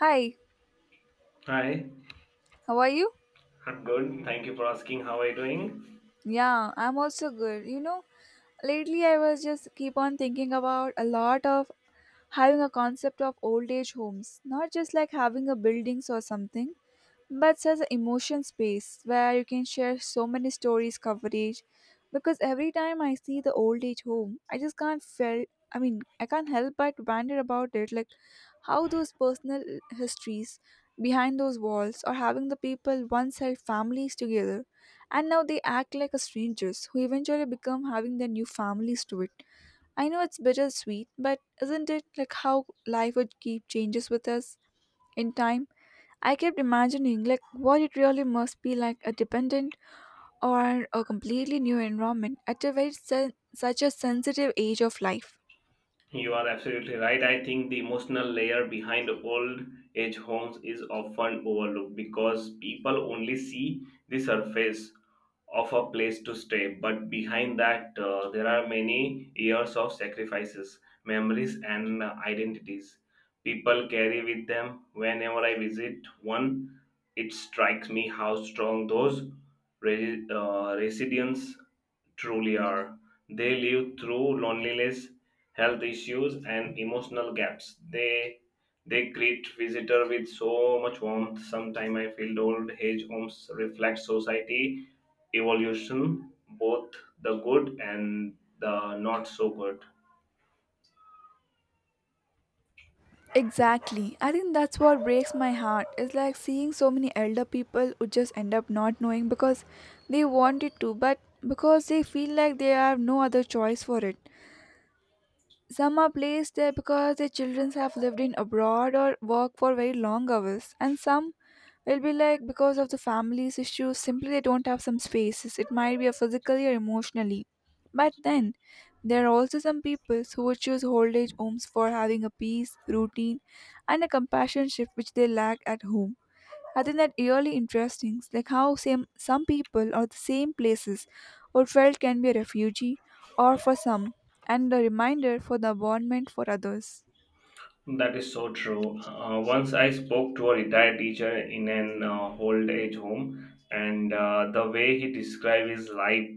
Hi, Hi, how are you? I'm good. Thank you for asking. How are you doing? Yeah, I'm also good. You know, lately I was just keep on thinking about a lot of having a concept of old age homes, not just like having a buildings or something, but as an emotion space where you can share so many stories coverage, because every time I see the old age home I just can't feel, I mean I can't help but wonder about it, like how those personal histories behind those walls, or having the people once held families together and now they act like a strangers who eventually become having their new families to it. I know it's bittersweet, but isn't it like how life would keep changes with us in time. I kept imagining like what it really must be like a dependent or a completely new environment at a very such a sensitive age of life. You are absolutely right. I think the emotional layer behind old age homes is often overlooked because people only see the surface of a place to stay. But behind that, there are many years of sacrifices, memories, and identities people carry with them. Whenever I visit one, it strikes me how strong those residents truly are. They live through loneliness health issues, and emotional gaps. They greet visitor with so much warmth. Sometimes I feel old age homes reflect society evolution, both the good and the not so good. Exactly. I think that's what breaks my heart. It's like seeing so many elder people who just end up not knowing because they wanted to, but because they feel like they have no other choice for it. Some are placed there because their children have lived in abroad or work for very long hours, and some will be like because of the family's issues, simply they don't have some spaces. It might be a physically or emotionally. But then there are also some people who would choose old age homes for having a peace, routine, and a companionship which they lack at home. I think that really interesting, like how same some people or the same places or felt can be a refugee or for some, and a reminder for the environment for others. That is so true. Once I spoke to a retired teacher in an old age home, and the way he described his life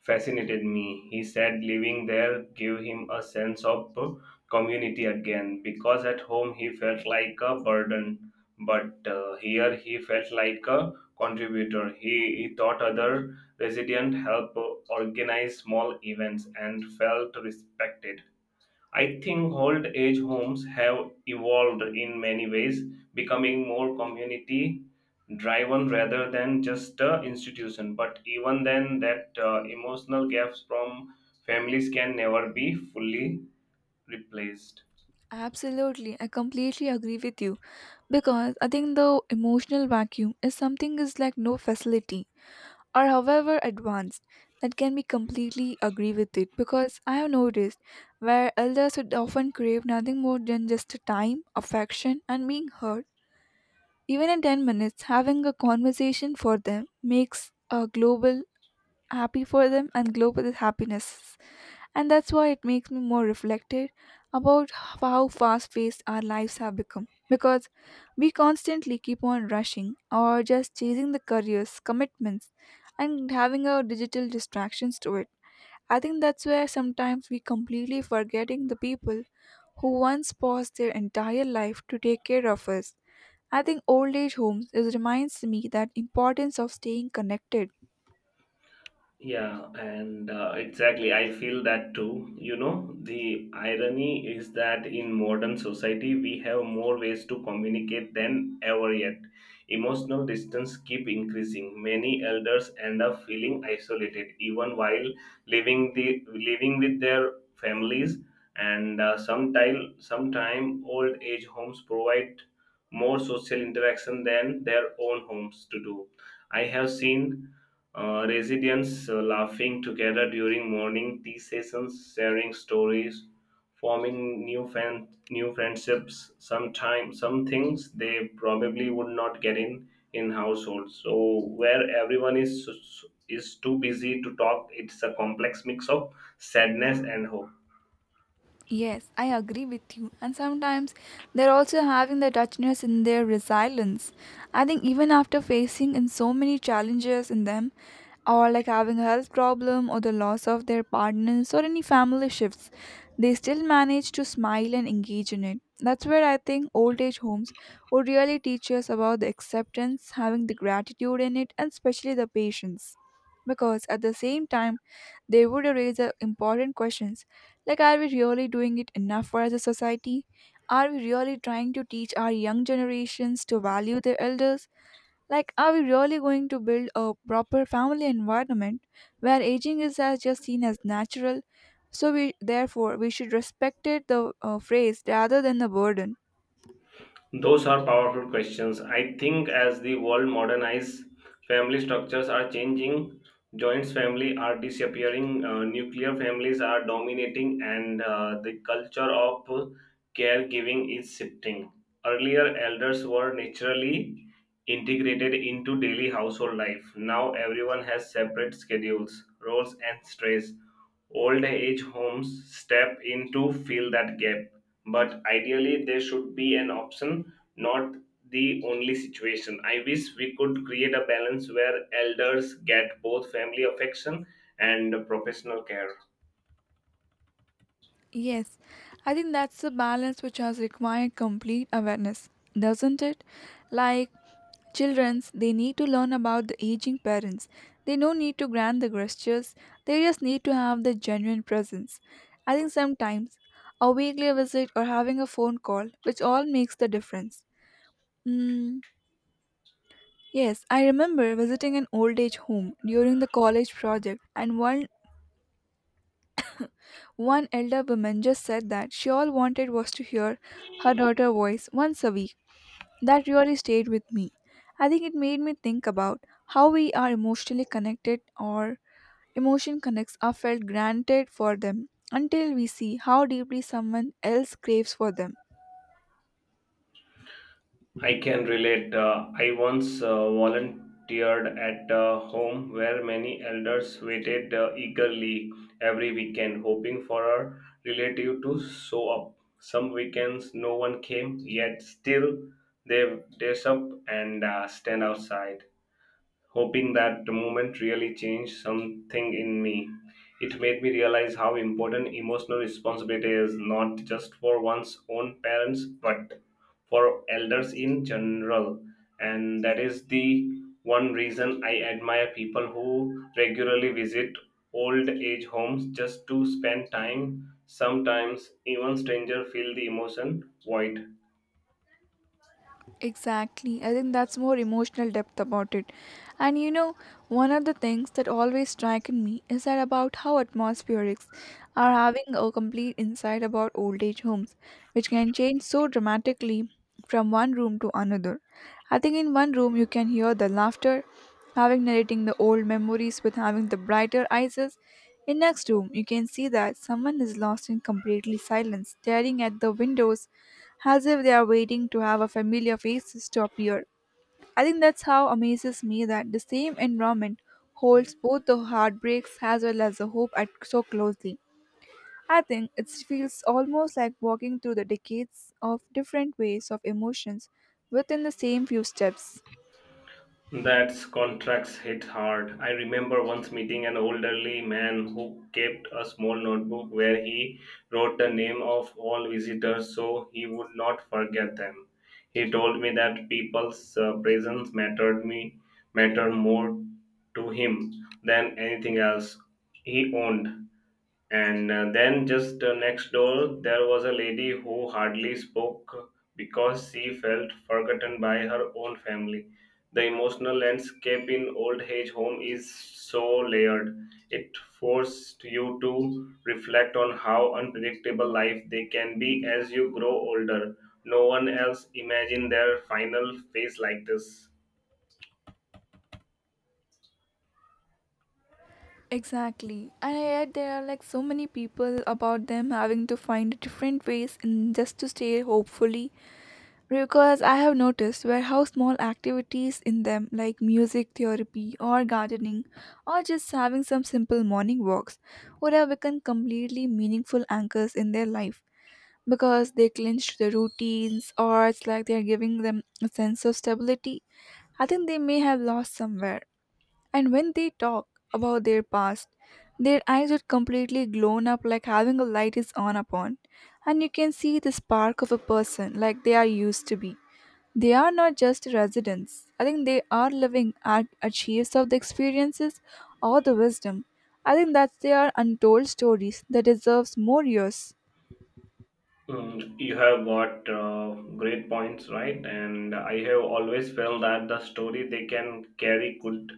fascinated me. He said living there gave him a sense of community again because at home he felt like a burden, but here he felt like a contributor. He taught other resident help organize small events and felt respected. I think old age homes have evolved in many ways, becoming more community driven rather than just a institution. But even then, that emotional gaps from families can never be fully replaced. Absolutely, I completely agree with you, because I think the emotional vacuum is something is like no facility or however advanced that can be completely agree with it, because I have noticed where elders would often crave nothing more than just time, affection, and being heard. Even in 10 minutes, having a conversation for them makes a global happy for them and global happiness. And that's why it makes me more reflective about how fast paced our lives have become. Because we constantly keep on rushing or just chasing the careers, commitments, and having our digital distractions to it. I think that's where sometimes we completely forgetting the people who once paused their entire life to take care of us. I think old age homes it reminds me that importance of staying connected. Yeah, and exactly, I feel that too. You know, the irony is that in modern society, we have more ways to communicate than ever yet. Emotional distance keep increasing. Many elders end up feeling isolated, even while living with their families. And sometime old age homes provide more social interaction than their own homes to do. I have seen residents laughing together during morning tea sessions, sharing stories, forming new friendships. Sometimes some things they probably would not get in households. So where everyone is too busy to talk, it's a complex mix of sadness and hope. Yes, I agree with you. And sometimes they're also having the richness in their resilience. I think even after facing in so many challenges in them, or like having a health problem or the loss of their partners or any family shifts, they still manage to smile and engage in it. That's where I think old age homes would really teach us about the acceptance, having the gratitude in it, and especially the patience. Because at the same time they would raise important questions, like are we really doing it enough for as a society? Are we really trying to teach our young generations to value their elders? Like are we really going to build a proper family environment where aging is as just seen as natural, so we therefore we should respect it the phrase rather than the burden. Those are powerful questions. I think as the world modernizes, family structures are changing, joint family are disappearing, nuclear families are dominating, and the culture of caregiving is shifting. Earlier, elders were naturally integrated into daily household life. Now, everyone has separate schedules, roles, and stress old age homes step in to fill that gap, but ideally they should be an option, not the only situation. I wish we could create a balance where elders get both family affection and professional care. Yes, I think that's the balance which has required complete awareness, doesn't it? Like children's, they need to learn about the aging parents. They don't need to grant the gestures, they just need to have the genuine presence. I think sometimes a weekly visit or having a phone call, which all makes the difference. Mm, yes, I remember visiting an old age home during the college project, and one elder woman just said that she all wanted was to hear her daughter's voice once a week. That really stayed with me. I think it made me think about how we are emotionally connected or emotion connects are felt granted for them until we see how deeply someone else craves for them. I can relate. I once volunteered at a home where many elders waited eagerly every weekend, hoping for a relative to show up. Some weekends no one came, yet still they dress up and stand outside hoping that the moment really changed something in me. It made me realize how important emotional responsibility is, not just for one's own parents, but for elders in general. And that is the one reason I admire people who regularly visit old age homes just to spend time. Sometimes even strangers feel the emotion void. Exactly. I think that's more emotional depth about it. And you know, one of the things that always strike in me is that about how atmospherics are having a complete insight about old age homes, which can change so dramatically from one room to another. I think in one room you can hear the laughter, having narrating the old memories with having the brighter eyes. In next room, you can see that someone is lost in completely silence, staring at the windows as if they are waiting to have a familiar face to appear. I think that's how amazes me that the same environment holds both the heartbreaks as well as the hope at so closely. I think it feels almost like walking through the decades of different ways of emotions within the same few steps. That's contracts hit hard. I remember once meeting an elderly man who kept a small notebook where he wrote the name of all visitors so he would not forget them. He told me that people's presence mattered more to him than anything else he owned. And then just next door, there was a lady who hardly spoke because she felt forgotten by her own family. The emotional landscape in old age home is so layered. It forced you to reflect on how unpredictable life they can be as you grow older. No one else imagined their final phase like this. Exactly. And yet there are like so many people about them having to find different ways in just to stay hopefully. Because I have noticed where how small activities in them like music therapy or gardening or just having some simple morning walks would have become completely meaningful anchors in their life, because they clinch to the routines or it's like they're giving them a sense of stability. I think they may have lost somewhere. And when they talk about their past, their eyes are completely glown up like having a light is on upon. And you can see the spark of a person like they are used to be. They are not just residents. I think they are living archives of the experiences or the wisdom. I think that they are untold stories that deserves more years. Mm, you have got great points, right? And I have always felt that the story they can carry could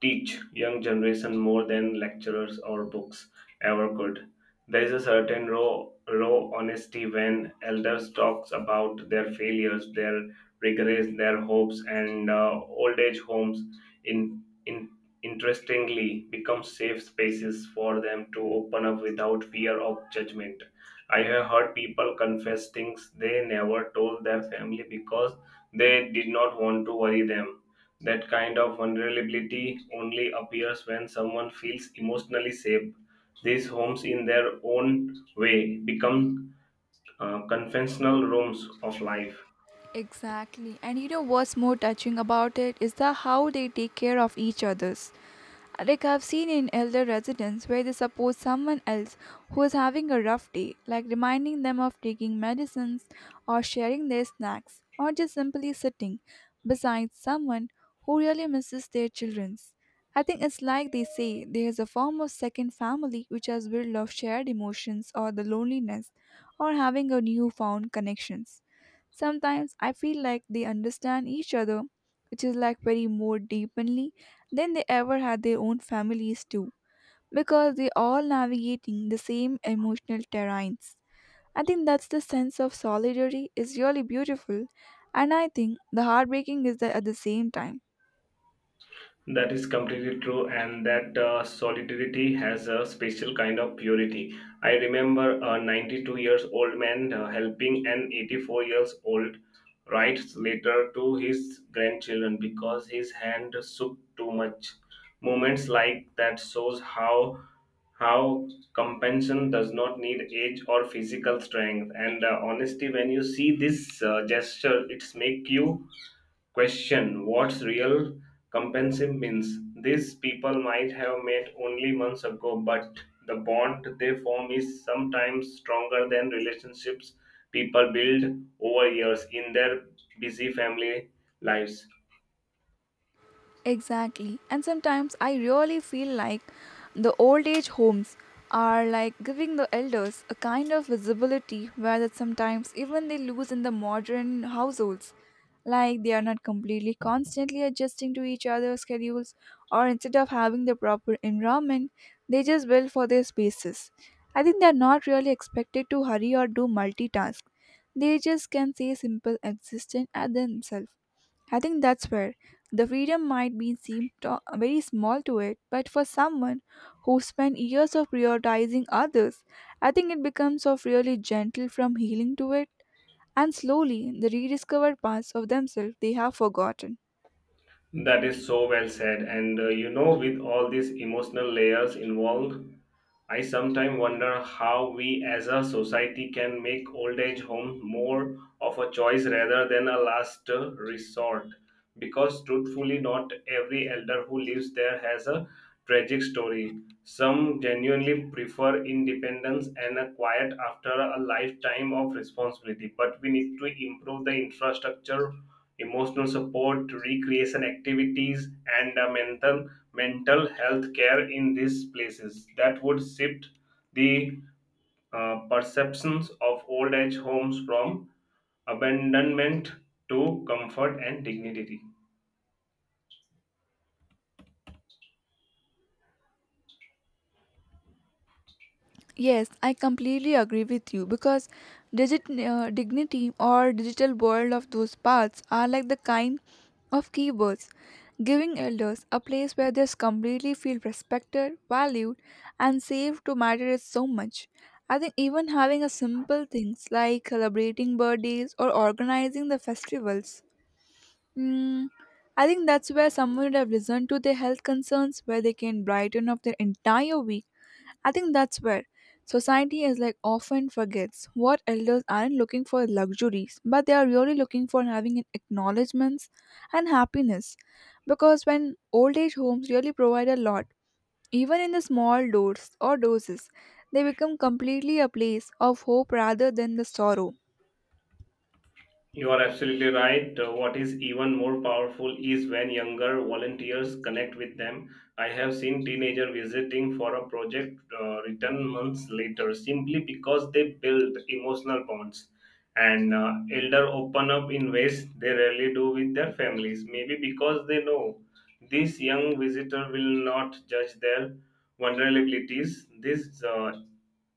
teach young generation more than lecturers or books ever could. There is a certain raw honesty when elders talks about their failures, their regrets, their hopes, and old age homes. In interestingly, become safe spaces for them to open up without fear of judgment. I have heard people confess things they never told their family because they did not want to worry them. That kind of vulnerability only appears when someone feels emotionally safe. These homes, in their own way, become confessional rooms of life. Exactly. And you know what's more touching about it is the how they take care of each others. Like I've seen in elder residents where they support someone else who is having a rough day, like reminding them of taking medicines or sharing their snacks, or just simply sitting beside someone who really misses their children's. I think it's like they say there is a form of second family which has built of shared emotions or the loneliness or having a newfound connections. Sometimes I feel like they understand each other, which is like very more deeply than they ever had their own families too, because they all navigating the same emotional terrains. I think that's the sense of solidarity is really beautiful, and I think the heartbreaking is that at the same time. That is completely true, and that solidarity has a special kind of purity. I remember a 92 years old man helping an 84 years old write letter to his grandchildren because his hand shook too much. Moments like that shows how compassion does not need age or physical strength. And honesty, when you see this gesture, it's make you question what's real compensation means? These people might have met only months ago, but the bond they form is sometimes stronger than relationships people build over years in their busy family lives. Exactly. And sometimes I really feel like the old age homes are like giving the elders a kind of visibility where that sometimes even they lose in the modern households. Like they are not completely constantly adjusting to each other's schedules or instead of having the proper environment, they just build for their spaces. I think they are not really expected to hurry or do multitask. They just can say simple existence at themselves. I think that's where the freedom might be very small to it, but for someone who spent years of prioritizing others, I think it becomes of really gentle from healing to it, and slowly the rediscovered parts of themselves they have forgotten. That is so well said. And you know, with all these emotional layers involved, I sometimes wonder how we as a society can make old age home more of a choice rather than a last resort. Because truthfully, not every elder who lives there has a tragic story. Some genuinely prefer independence and a quiet after a lifetime of responsibility. But we need to improve the infrastructure emotional support, recreation activities, and mental health care in these places. That would shift the perceptions of old age homes from abandonment to comfort and dignity. Yes, I completely agree with you, because digit dignity or digital world of those paths are like the kind of keywords, giving elders a place where they completely feel respected, valued, and safe to matter is so much. I think even having a simple things like celebrating birthdays or organizing the festivals. Mm, I think that's where someone would have listened to their health concerns, where they can brighten up their entire week. I think that's where society is like often forgets what elders aren't looking for luxuries, but they are really looking for having an acknowledgements and happiness. Because when old age homes really provide a lot, even in the small doors or doses, they become completely a place of hope rather than the sorrow. You are absolutely right. What is even more powerful is when younger volunteers connect with them. I have seen teenagers visiting for a project return months later simply because they build emotional bonds. And elder open up in ways they rarely do with their families, maybe because they know this young visitor will not judge their vulnerabilities. This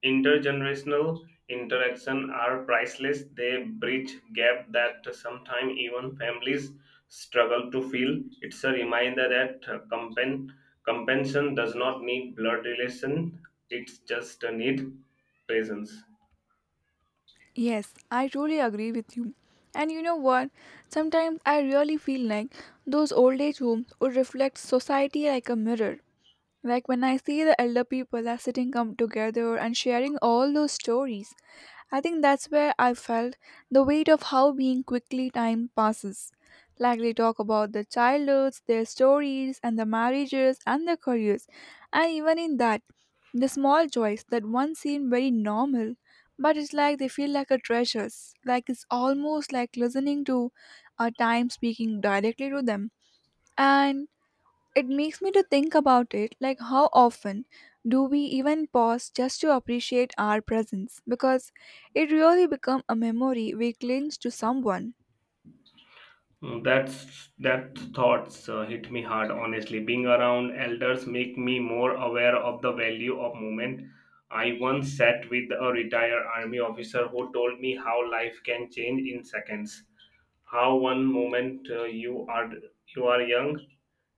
intergenerational interaction are priceless. They bridge gap that sometimes even families struggle to fill. It's a reminder that compensation does not need blood relation. It's just a need presence. Yes, I truly agree with you. And you know what? Sometimes I really feel like those old age homes would reflect society like a mirror. Like when I see the elder people are sitting come together and sharing all those stories, I think that's where I felt the weight of how being quickly time passes. Like they talk about their childhoods, their stories, and the marriages and their careers. And even in that, the small joys that once seem very normal, but it's like they feel like a treasures. Like it's almost like listening to a time speaking directly to them. And it makes me to think about it like how often do we even pause just to appreciate our presence, because it really become a memory we cling to someone. Mm, that's that thoughts hit me hard. Honestly, being around elders make me more aware of the value of moment. I once sat with a retired army officer who told me how life can change in seconds, how one moment you are young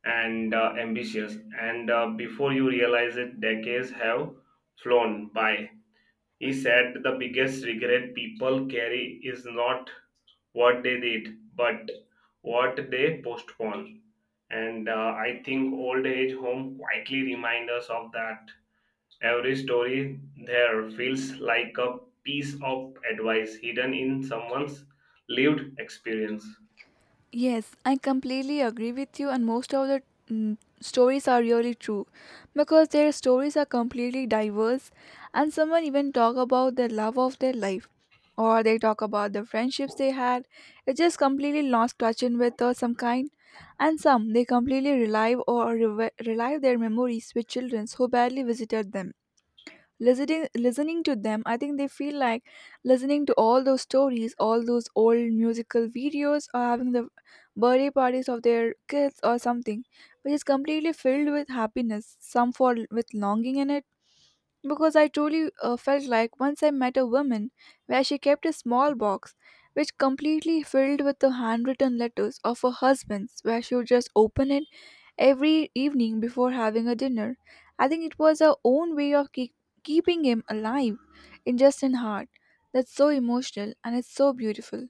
and ambitious, and before you realize it decades have flown by. He said the biggest regret people carry is not what they did but what they postpone. And I think old age home quietly reminds us of that. Every story there feels like a piece of advice hidden in someone's lived experience. Yes, I completely agree with you, and most of the stories are really true because their stories are completely diverse, and someone even talk about the love of their life, or they talk about the friendships they had. It just completely lost touch in with some kind, and some they completely relive or relive their memories with children who barely visited them. Listening to them, I think they feel like listening to all those stories, all those old musical videos, or having the birthday parties of their kids or something, which is completely filled with happiness, some for with longing in it. Because I truly felt like once I met a woman where she kept a small box which completely filled with the handwritten letters of her husband's, where she would just open it every evening before having a dinner. I think it was our own way of keeping him alive in just in heart. That's so emotional and it's so beautiful.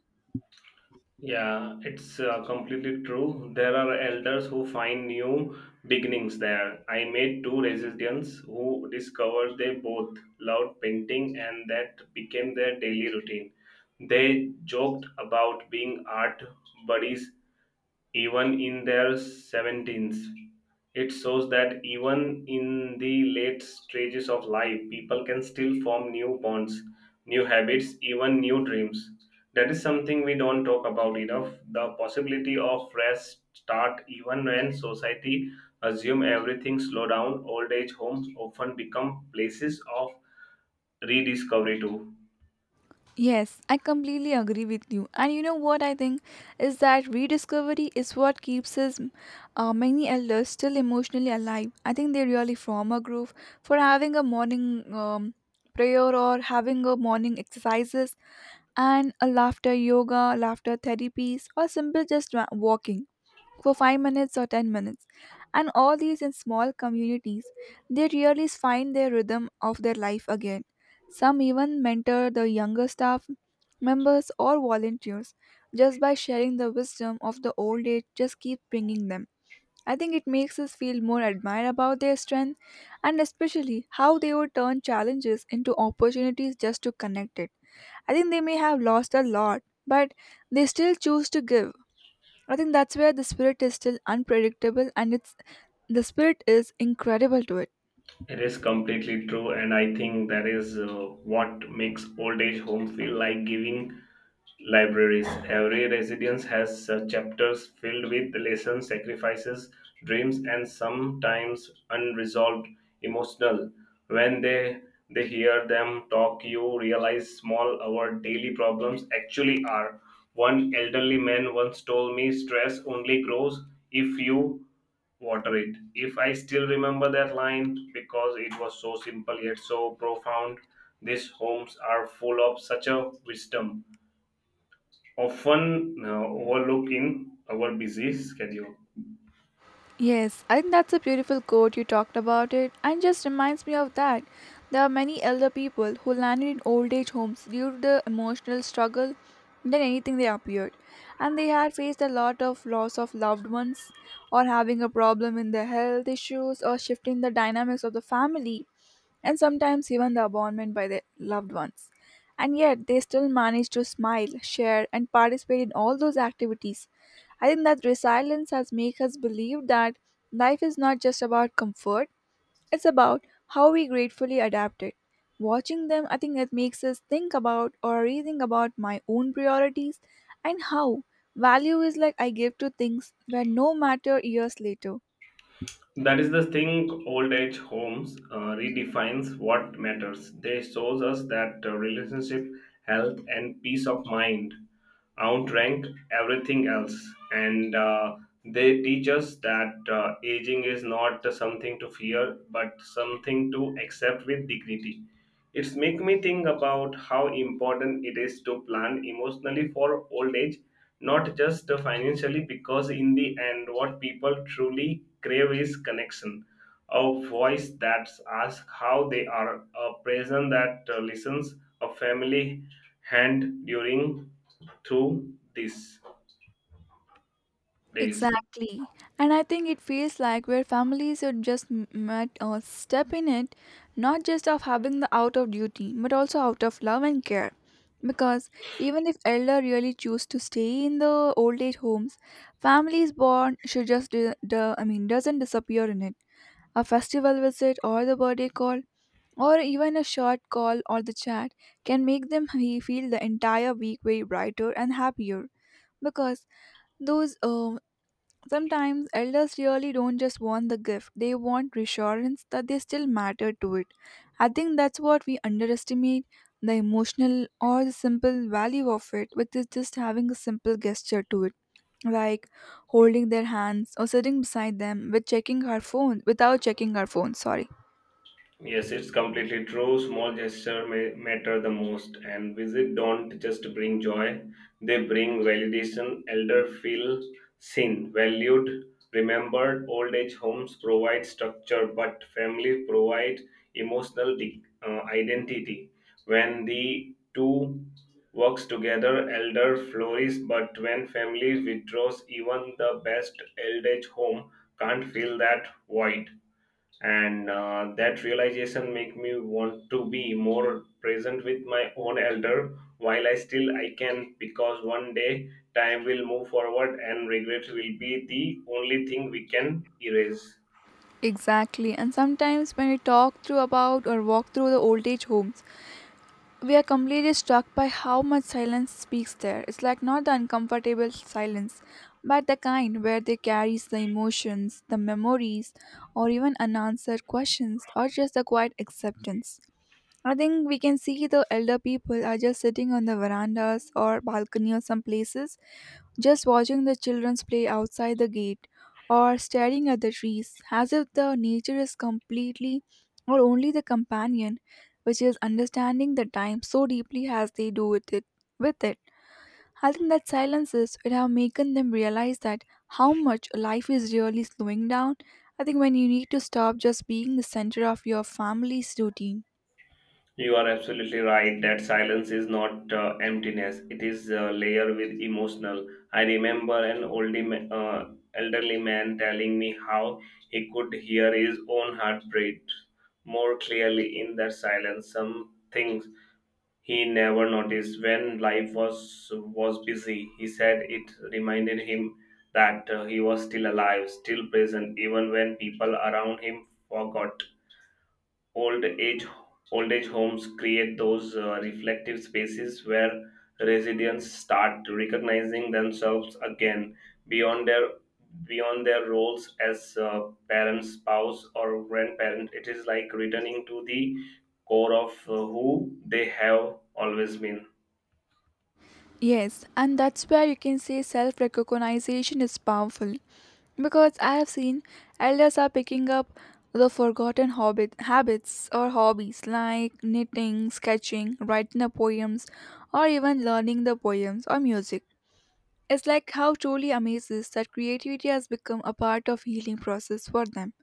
Yeah, it's completely true. There are elders who find new beginnings there. I met two residents who discovered they both loved painting and that became their daily routine. They joked about being art buddies even in their 17s. It shows that even in the late stages of life, people can still form new bonds, new habits, even new dreams. That is something we don't talk about enough. The possibility of fresh start, even when society assume everything slow down, old age homes often become places of rediscovery too. Yes, I completely agree with you. And you know what I think is that rediscovery is what keeps us many elders still emotionally alive. I think they really form a group for having a morning prayer or having a morning exercises and a laughter yoga, laughter therapies, or simple just walking for 5 minutes or 10 minutes. And all these in small communities, they really find their rhythm of their life again. Some even mentor the younger staff members or volunteers just by sharing the wisdom of the old age, just keep bringing them. I think it makes us feel more admired about their strength, and especially how they would turn challenges into opportunities just to connect it. I think they may have lost a lot, but they still choose to give. I think that's where the spirit is still unpredictable, and it's the spirit is incredible to it. It is completely true, and I think that is what makes old age home feel like giving libraries. Every residence has chapters filled with lessons, sacrifices, dreams, and sometimes unresolved emotional. When they hear them talk, you realize small our daily problems actually are. One elderly man once told me, "Stress only grows if you water it." If I still remember that line because it was so simple yet so profound. These homes are full of such a wisdom often overlook in our busy schedule. Yes, I think that's a beautiful quote you talked about it and just reminds me of that. There are many elder people who landed in old age homes due to the emotional struggle than anything they appeared. And they had faced a lot of loss of loved ones or having a problem in their health issues or shifting the dynamics of the family, and sometimes even the abandonment by their loved ones. And yet, they still manage to smile, share, and participate in all those activities. I think that resilience has made us believe that life is not just about comfort, it's about how we gratefully adapt it. Watching them, I think it makes us think about or rethink about my own priorities and how value is like I give to things where no matter years later. That is the thing old age homes redefines what matters. They shows us that relationship, health, and peace of mind outrank everything else. And they teach us that aging is not something to fear, but something to accept with dignity. It's make me think about how important it is to plan emotionally for old age, not just financially, because in the end, what people truly crave is connection, a voice that asks how they are, a present that listens, a family hand during through these days. Exactly. And I think it feels like where families are just met or step in it, not just of having the out of duty, but also out of love and care. Because even if elder really choose to stay in the old age homes, families born should just do, do, I mean doesn't disappear in it. A festival visit or the birthday call or even a short call or the chat can make them feel the entire week way brighter and happier, because those sometimes elders really don't just want the gift, they want reassurance that they still matter to it. I think that's what we underestimate, the emotional or the simple value of it, which is just having a simple gesture to it, like holding their hands or sitting beside them with checking her phone without checking her phone, sorry. Yes, it's completely true. Small gesture may matter the most, and visit don't just bring joy; they bring validation. Elder feel seen, valued, remembered. Old age homes provide structure, but family provide emotional identity. When the two works together, elder flourish. But when family withdraws, even the best old age home can't fill that void. And that realization make me want to be more present with my own elder while I can, because one day time will move forward and regrets will be the only thing we can erase. Exactly, and sometimes when we talk through about or walk through the old age homes, we are completely struck by how much silence speaks there. It's like not the uncomfortable silence, but the kind where they carries the emotions, the memories, or even unanswered questions, or just the quiet acceptance. I think we can see the elder people are just sitting on the verandas or balcony or some places, just watching the childrens play outside the gate or staring at the trees, as if the nature is completely or only the companion, which is understanding the time so deeply as they do with it. With it, I think that silences would have making them realize that how much life is really slowing down. I think when you need to stop just being the center of your family's routine. You are absolutely right that silence is not emptiness, it is a layer with emotional. I remember an old uh, elderly man telling me how he could hear his own heartbeat more clearly in that silence, some things he never noticed when life was busy. He said it reminded him that he was still alive, still present, even when people around him forgot. Old age old age homes create those reflective spaces where residents start recognizing themselves again beyond their beyond their roles as parents spouse or grandparent. It is like returning to the core of who they have always been. Yes, and that's where you can say self recognition is powerful because I have seen elders are picking up the forgotten hobbit habits or hobbies like knitting, sketching, writing the poems, or even learning the poems or music. It's like how truly amazes that creativity has become a part of healing process for them.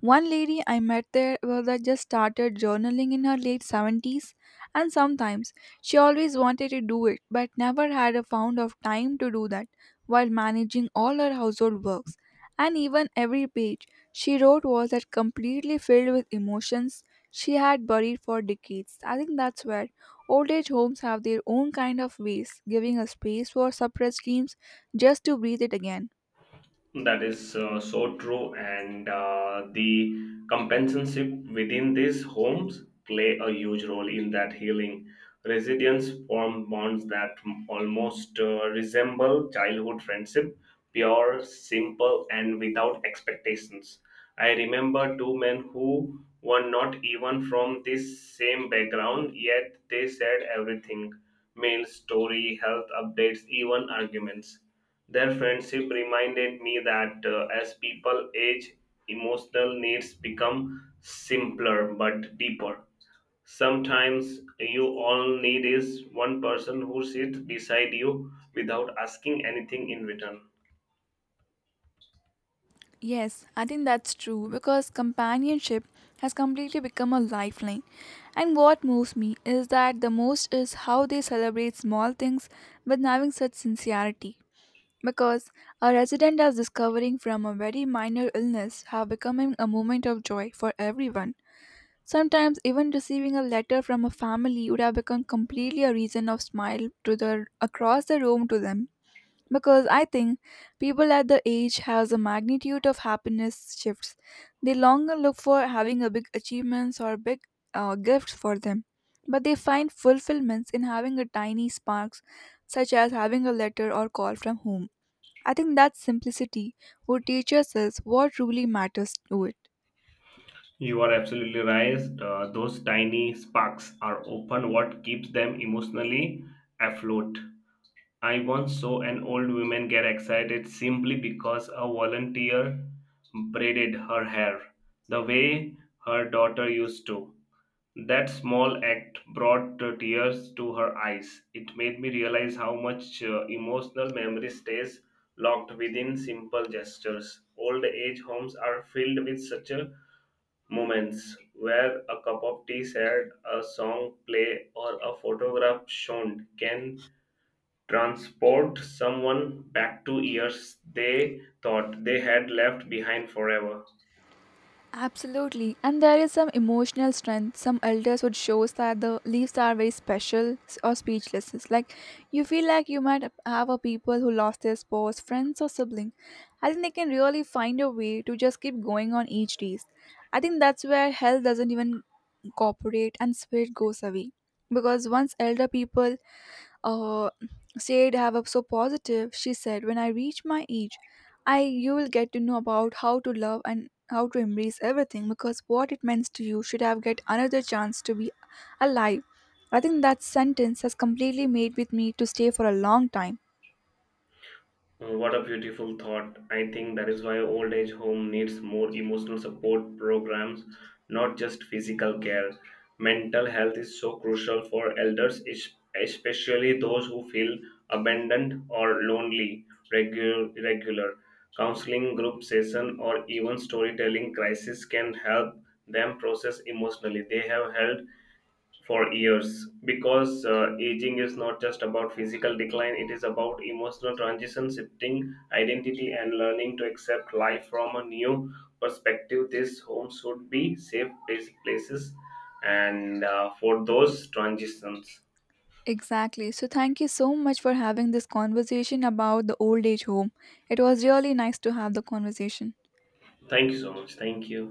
One lady I met there was that just started journaling in her late 70s, and sometimes she always wanted to do it but never had a found of time to do that while managing all her household works. And even every page she wrote was that completely filled with emotions she had buried for decades. I think that's where old age homes have their own kind of ways, giving a space for suppressed dreams just to breathe it again. That is so true, and the companionship within these homes play a huge role in that healing. Residents form bonds that almost resemble childhood friendship, pure, simple, and without expectations. I remember two men who were not even from this same background, yet they shared everything: meals, story, health updates, even arguments. Their friendship reminded me that as people age, emotional needs become simpler but deeper. Sometimes you all need is one person who sits beside you without asking anything in return. Yes, I think that's true because companionship has completely become a lifeline. And what moves me is that the most is how they celebrate small things with having such sincerity, because a resident is discovering from a very minor illness have become a moment of joy for everyone. Sometimes even receiving a letter from a family would have become completely a reason of smile to the across the room to them. Because I think people at the age has a magnitude of happiness shifts. They longer look for having a big achievements or big gifts for them, but they find fulfillments in having a tiny sparks, such as having a letter or call from home. I think that simplicity would teach us is what truly matters to it. You are absolutely right. Those tiny sparks are often what keeps them emotionally afloat. I once saw an old woman get excited simply because a volunteer braided her hair the way her daughter used to. That small act brought tears to her eyes. It made me realize how much emotional memory stays locked within simple gestures. Old age homes are filled with such moments where a cup of tea shared, a song play, or a photograph shown can transport someone back to years they thought they had left behind forever. Absolutely. And there is some emotional strength. Some elders would shows that the leaves are very special or speechless. It's like you feel like you might have a people who lost their spouse, friends or sibling. I think they can really find a way to just keep going on each days. I think that's where hell doesn't even cooperate and spirit goes away. Because once elder people uh, said have up so positive. She said, when I reach my age, I you will get to know about how to love and how to embrace everything, because what it means to you should have get another chance to be alive. I think that sentence has completely made with me to stay for a long time. What a beautiful thought. I think that is why old age home needs more emotional support programs, not just physical care. Mental health is so crucial for elders, especially those who feel abandoned or lonely. Regular counseling group session or even storytelling crisis can help them process emotionally. They have held for years because aging is not just about physical decline, it is about emotional transition shifting identity and learning to accept life from a new perspective. These homes should be places and for those transitions. Exactly, so thank you so much for having this conversation about the old age home. It was really nice to have the conversation. Thank you so much, thank you.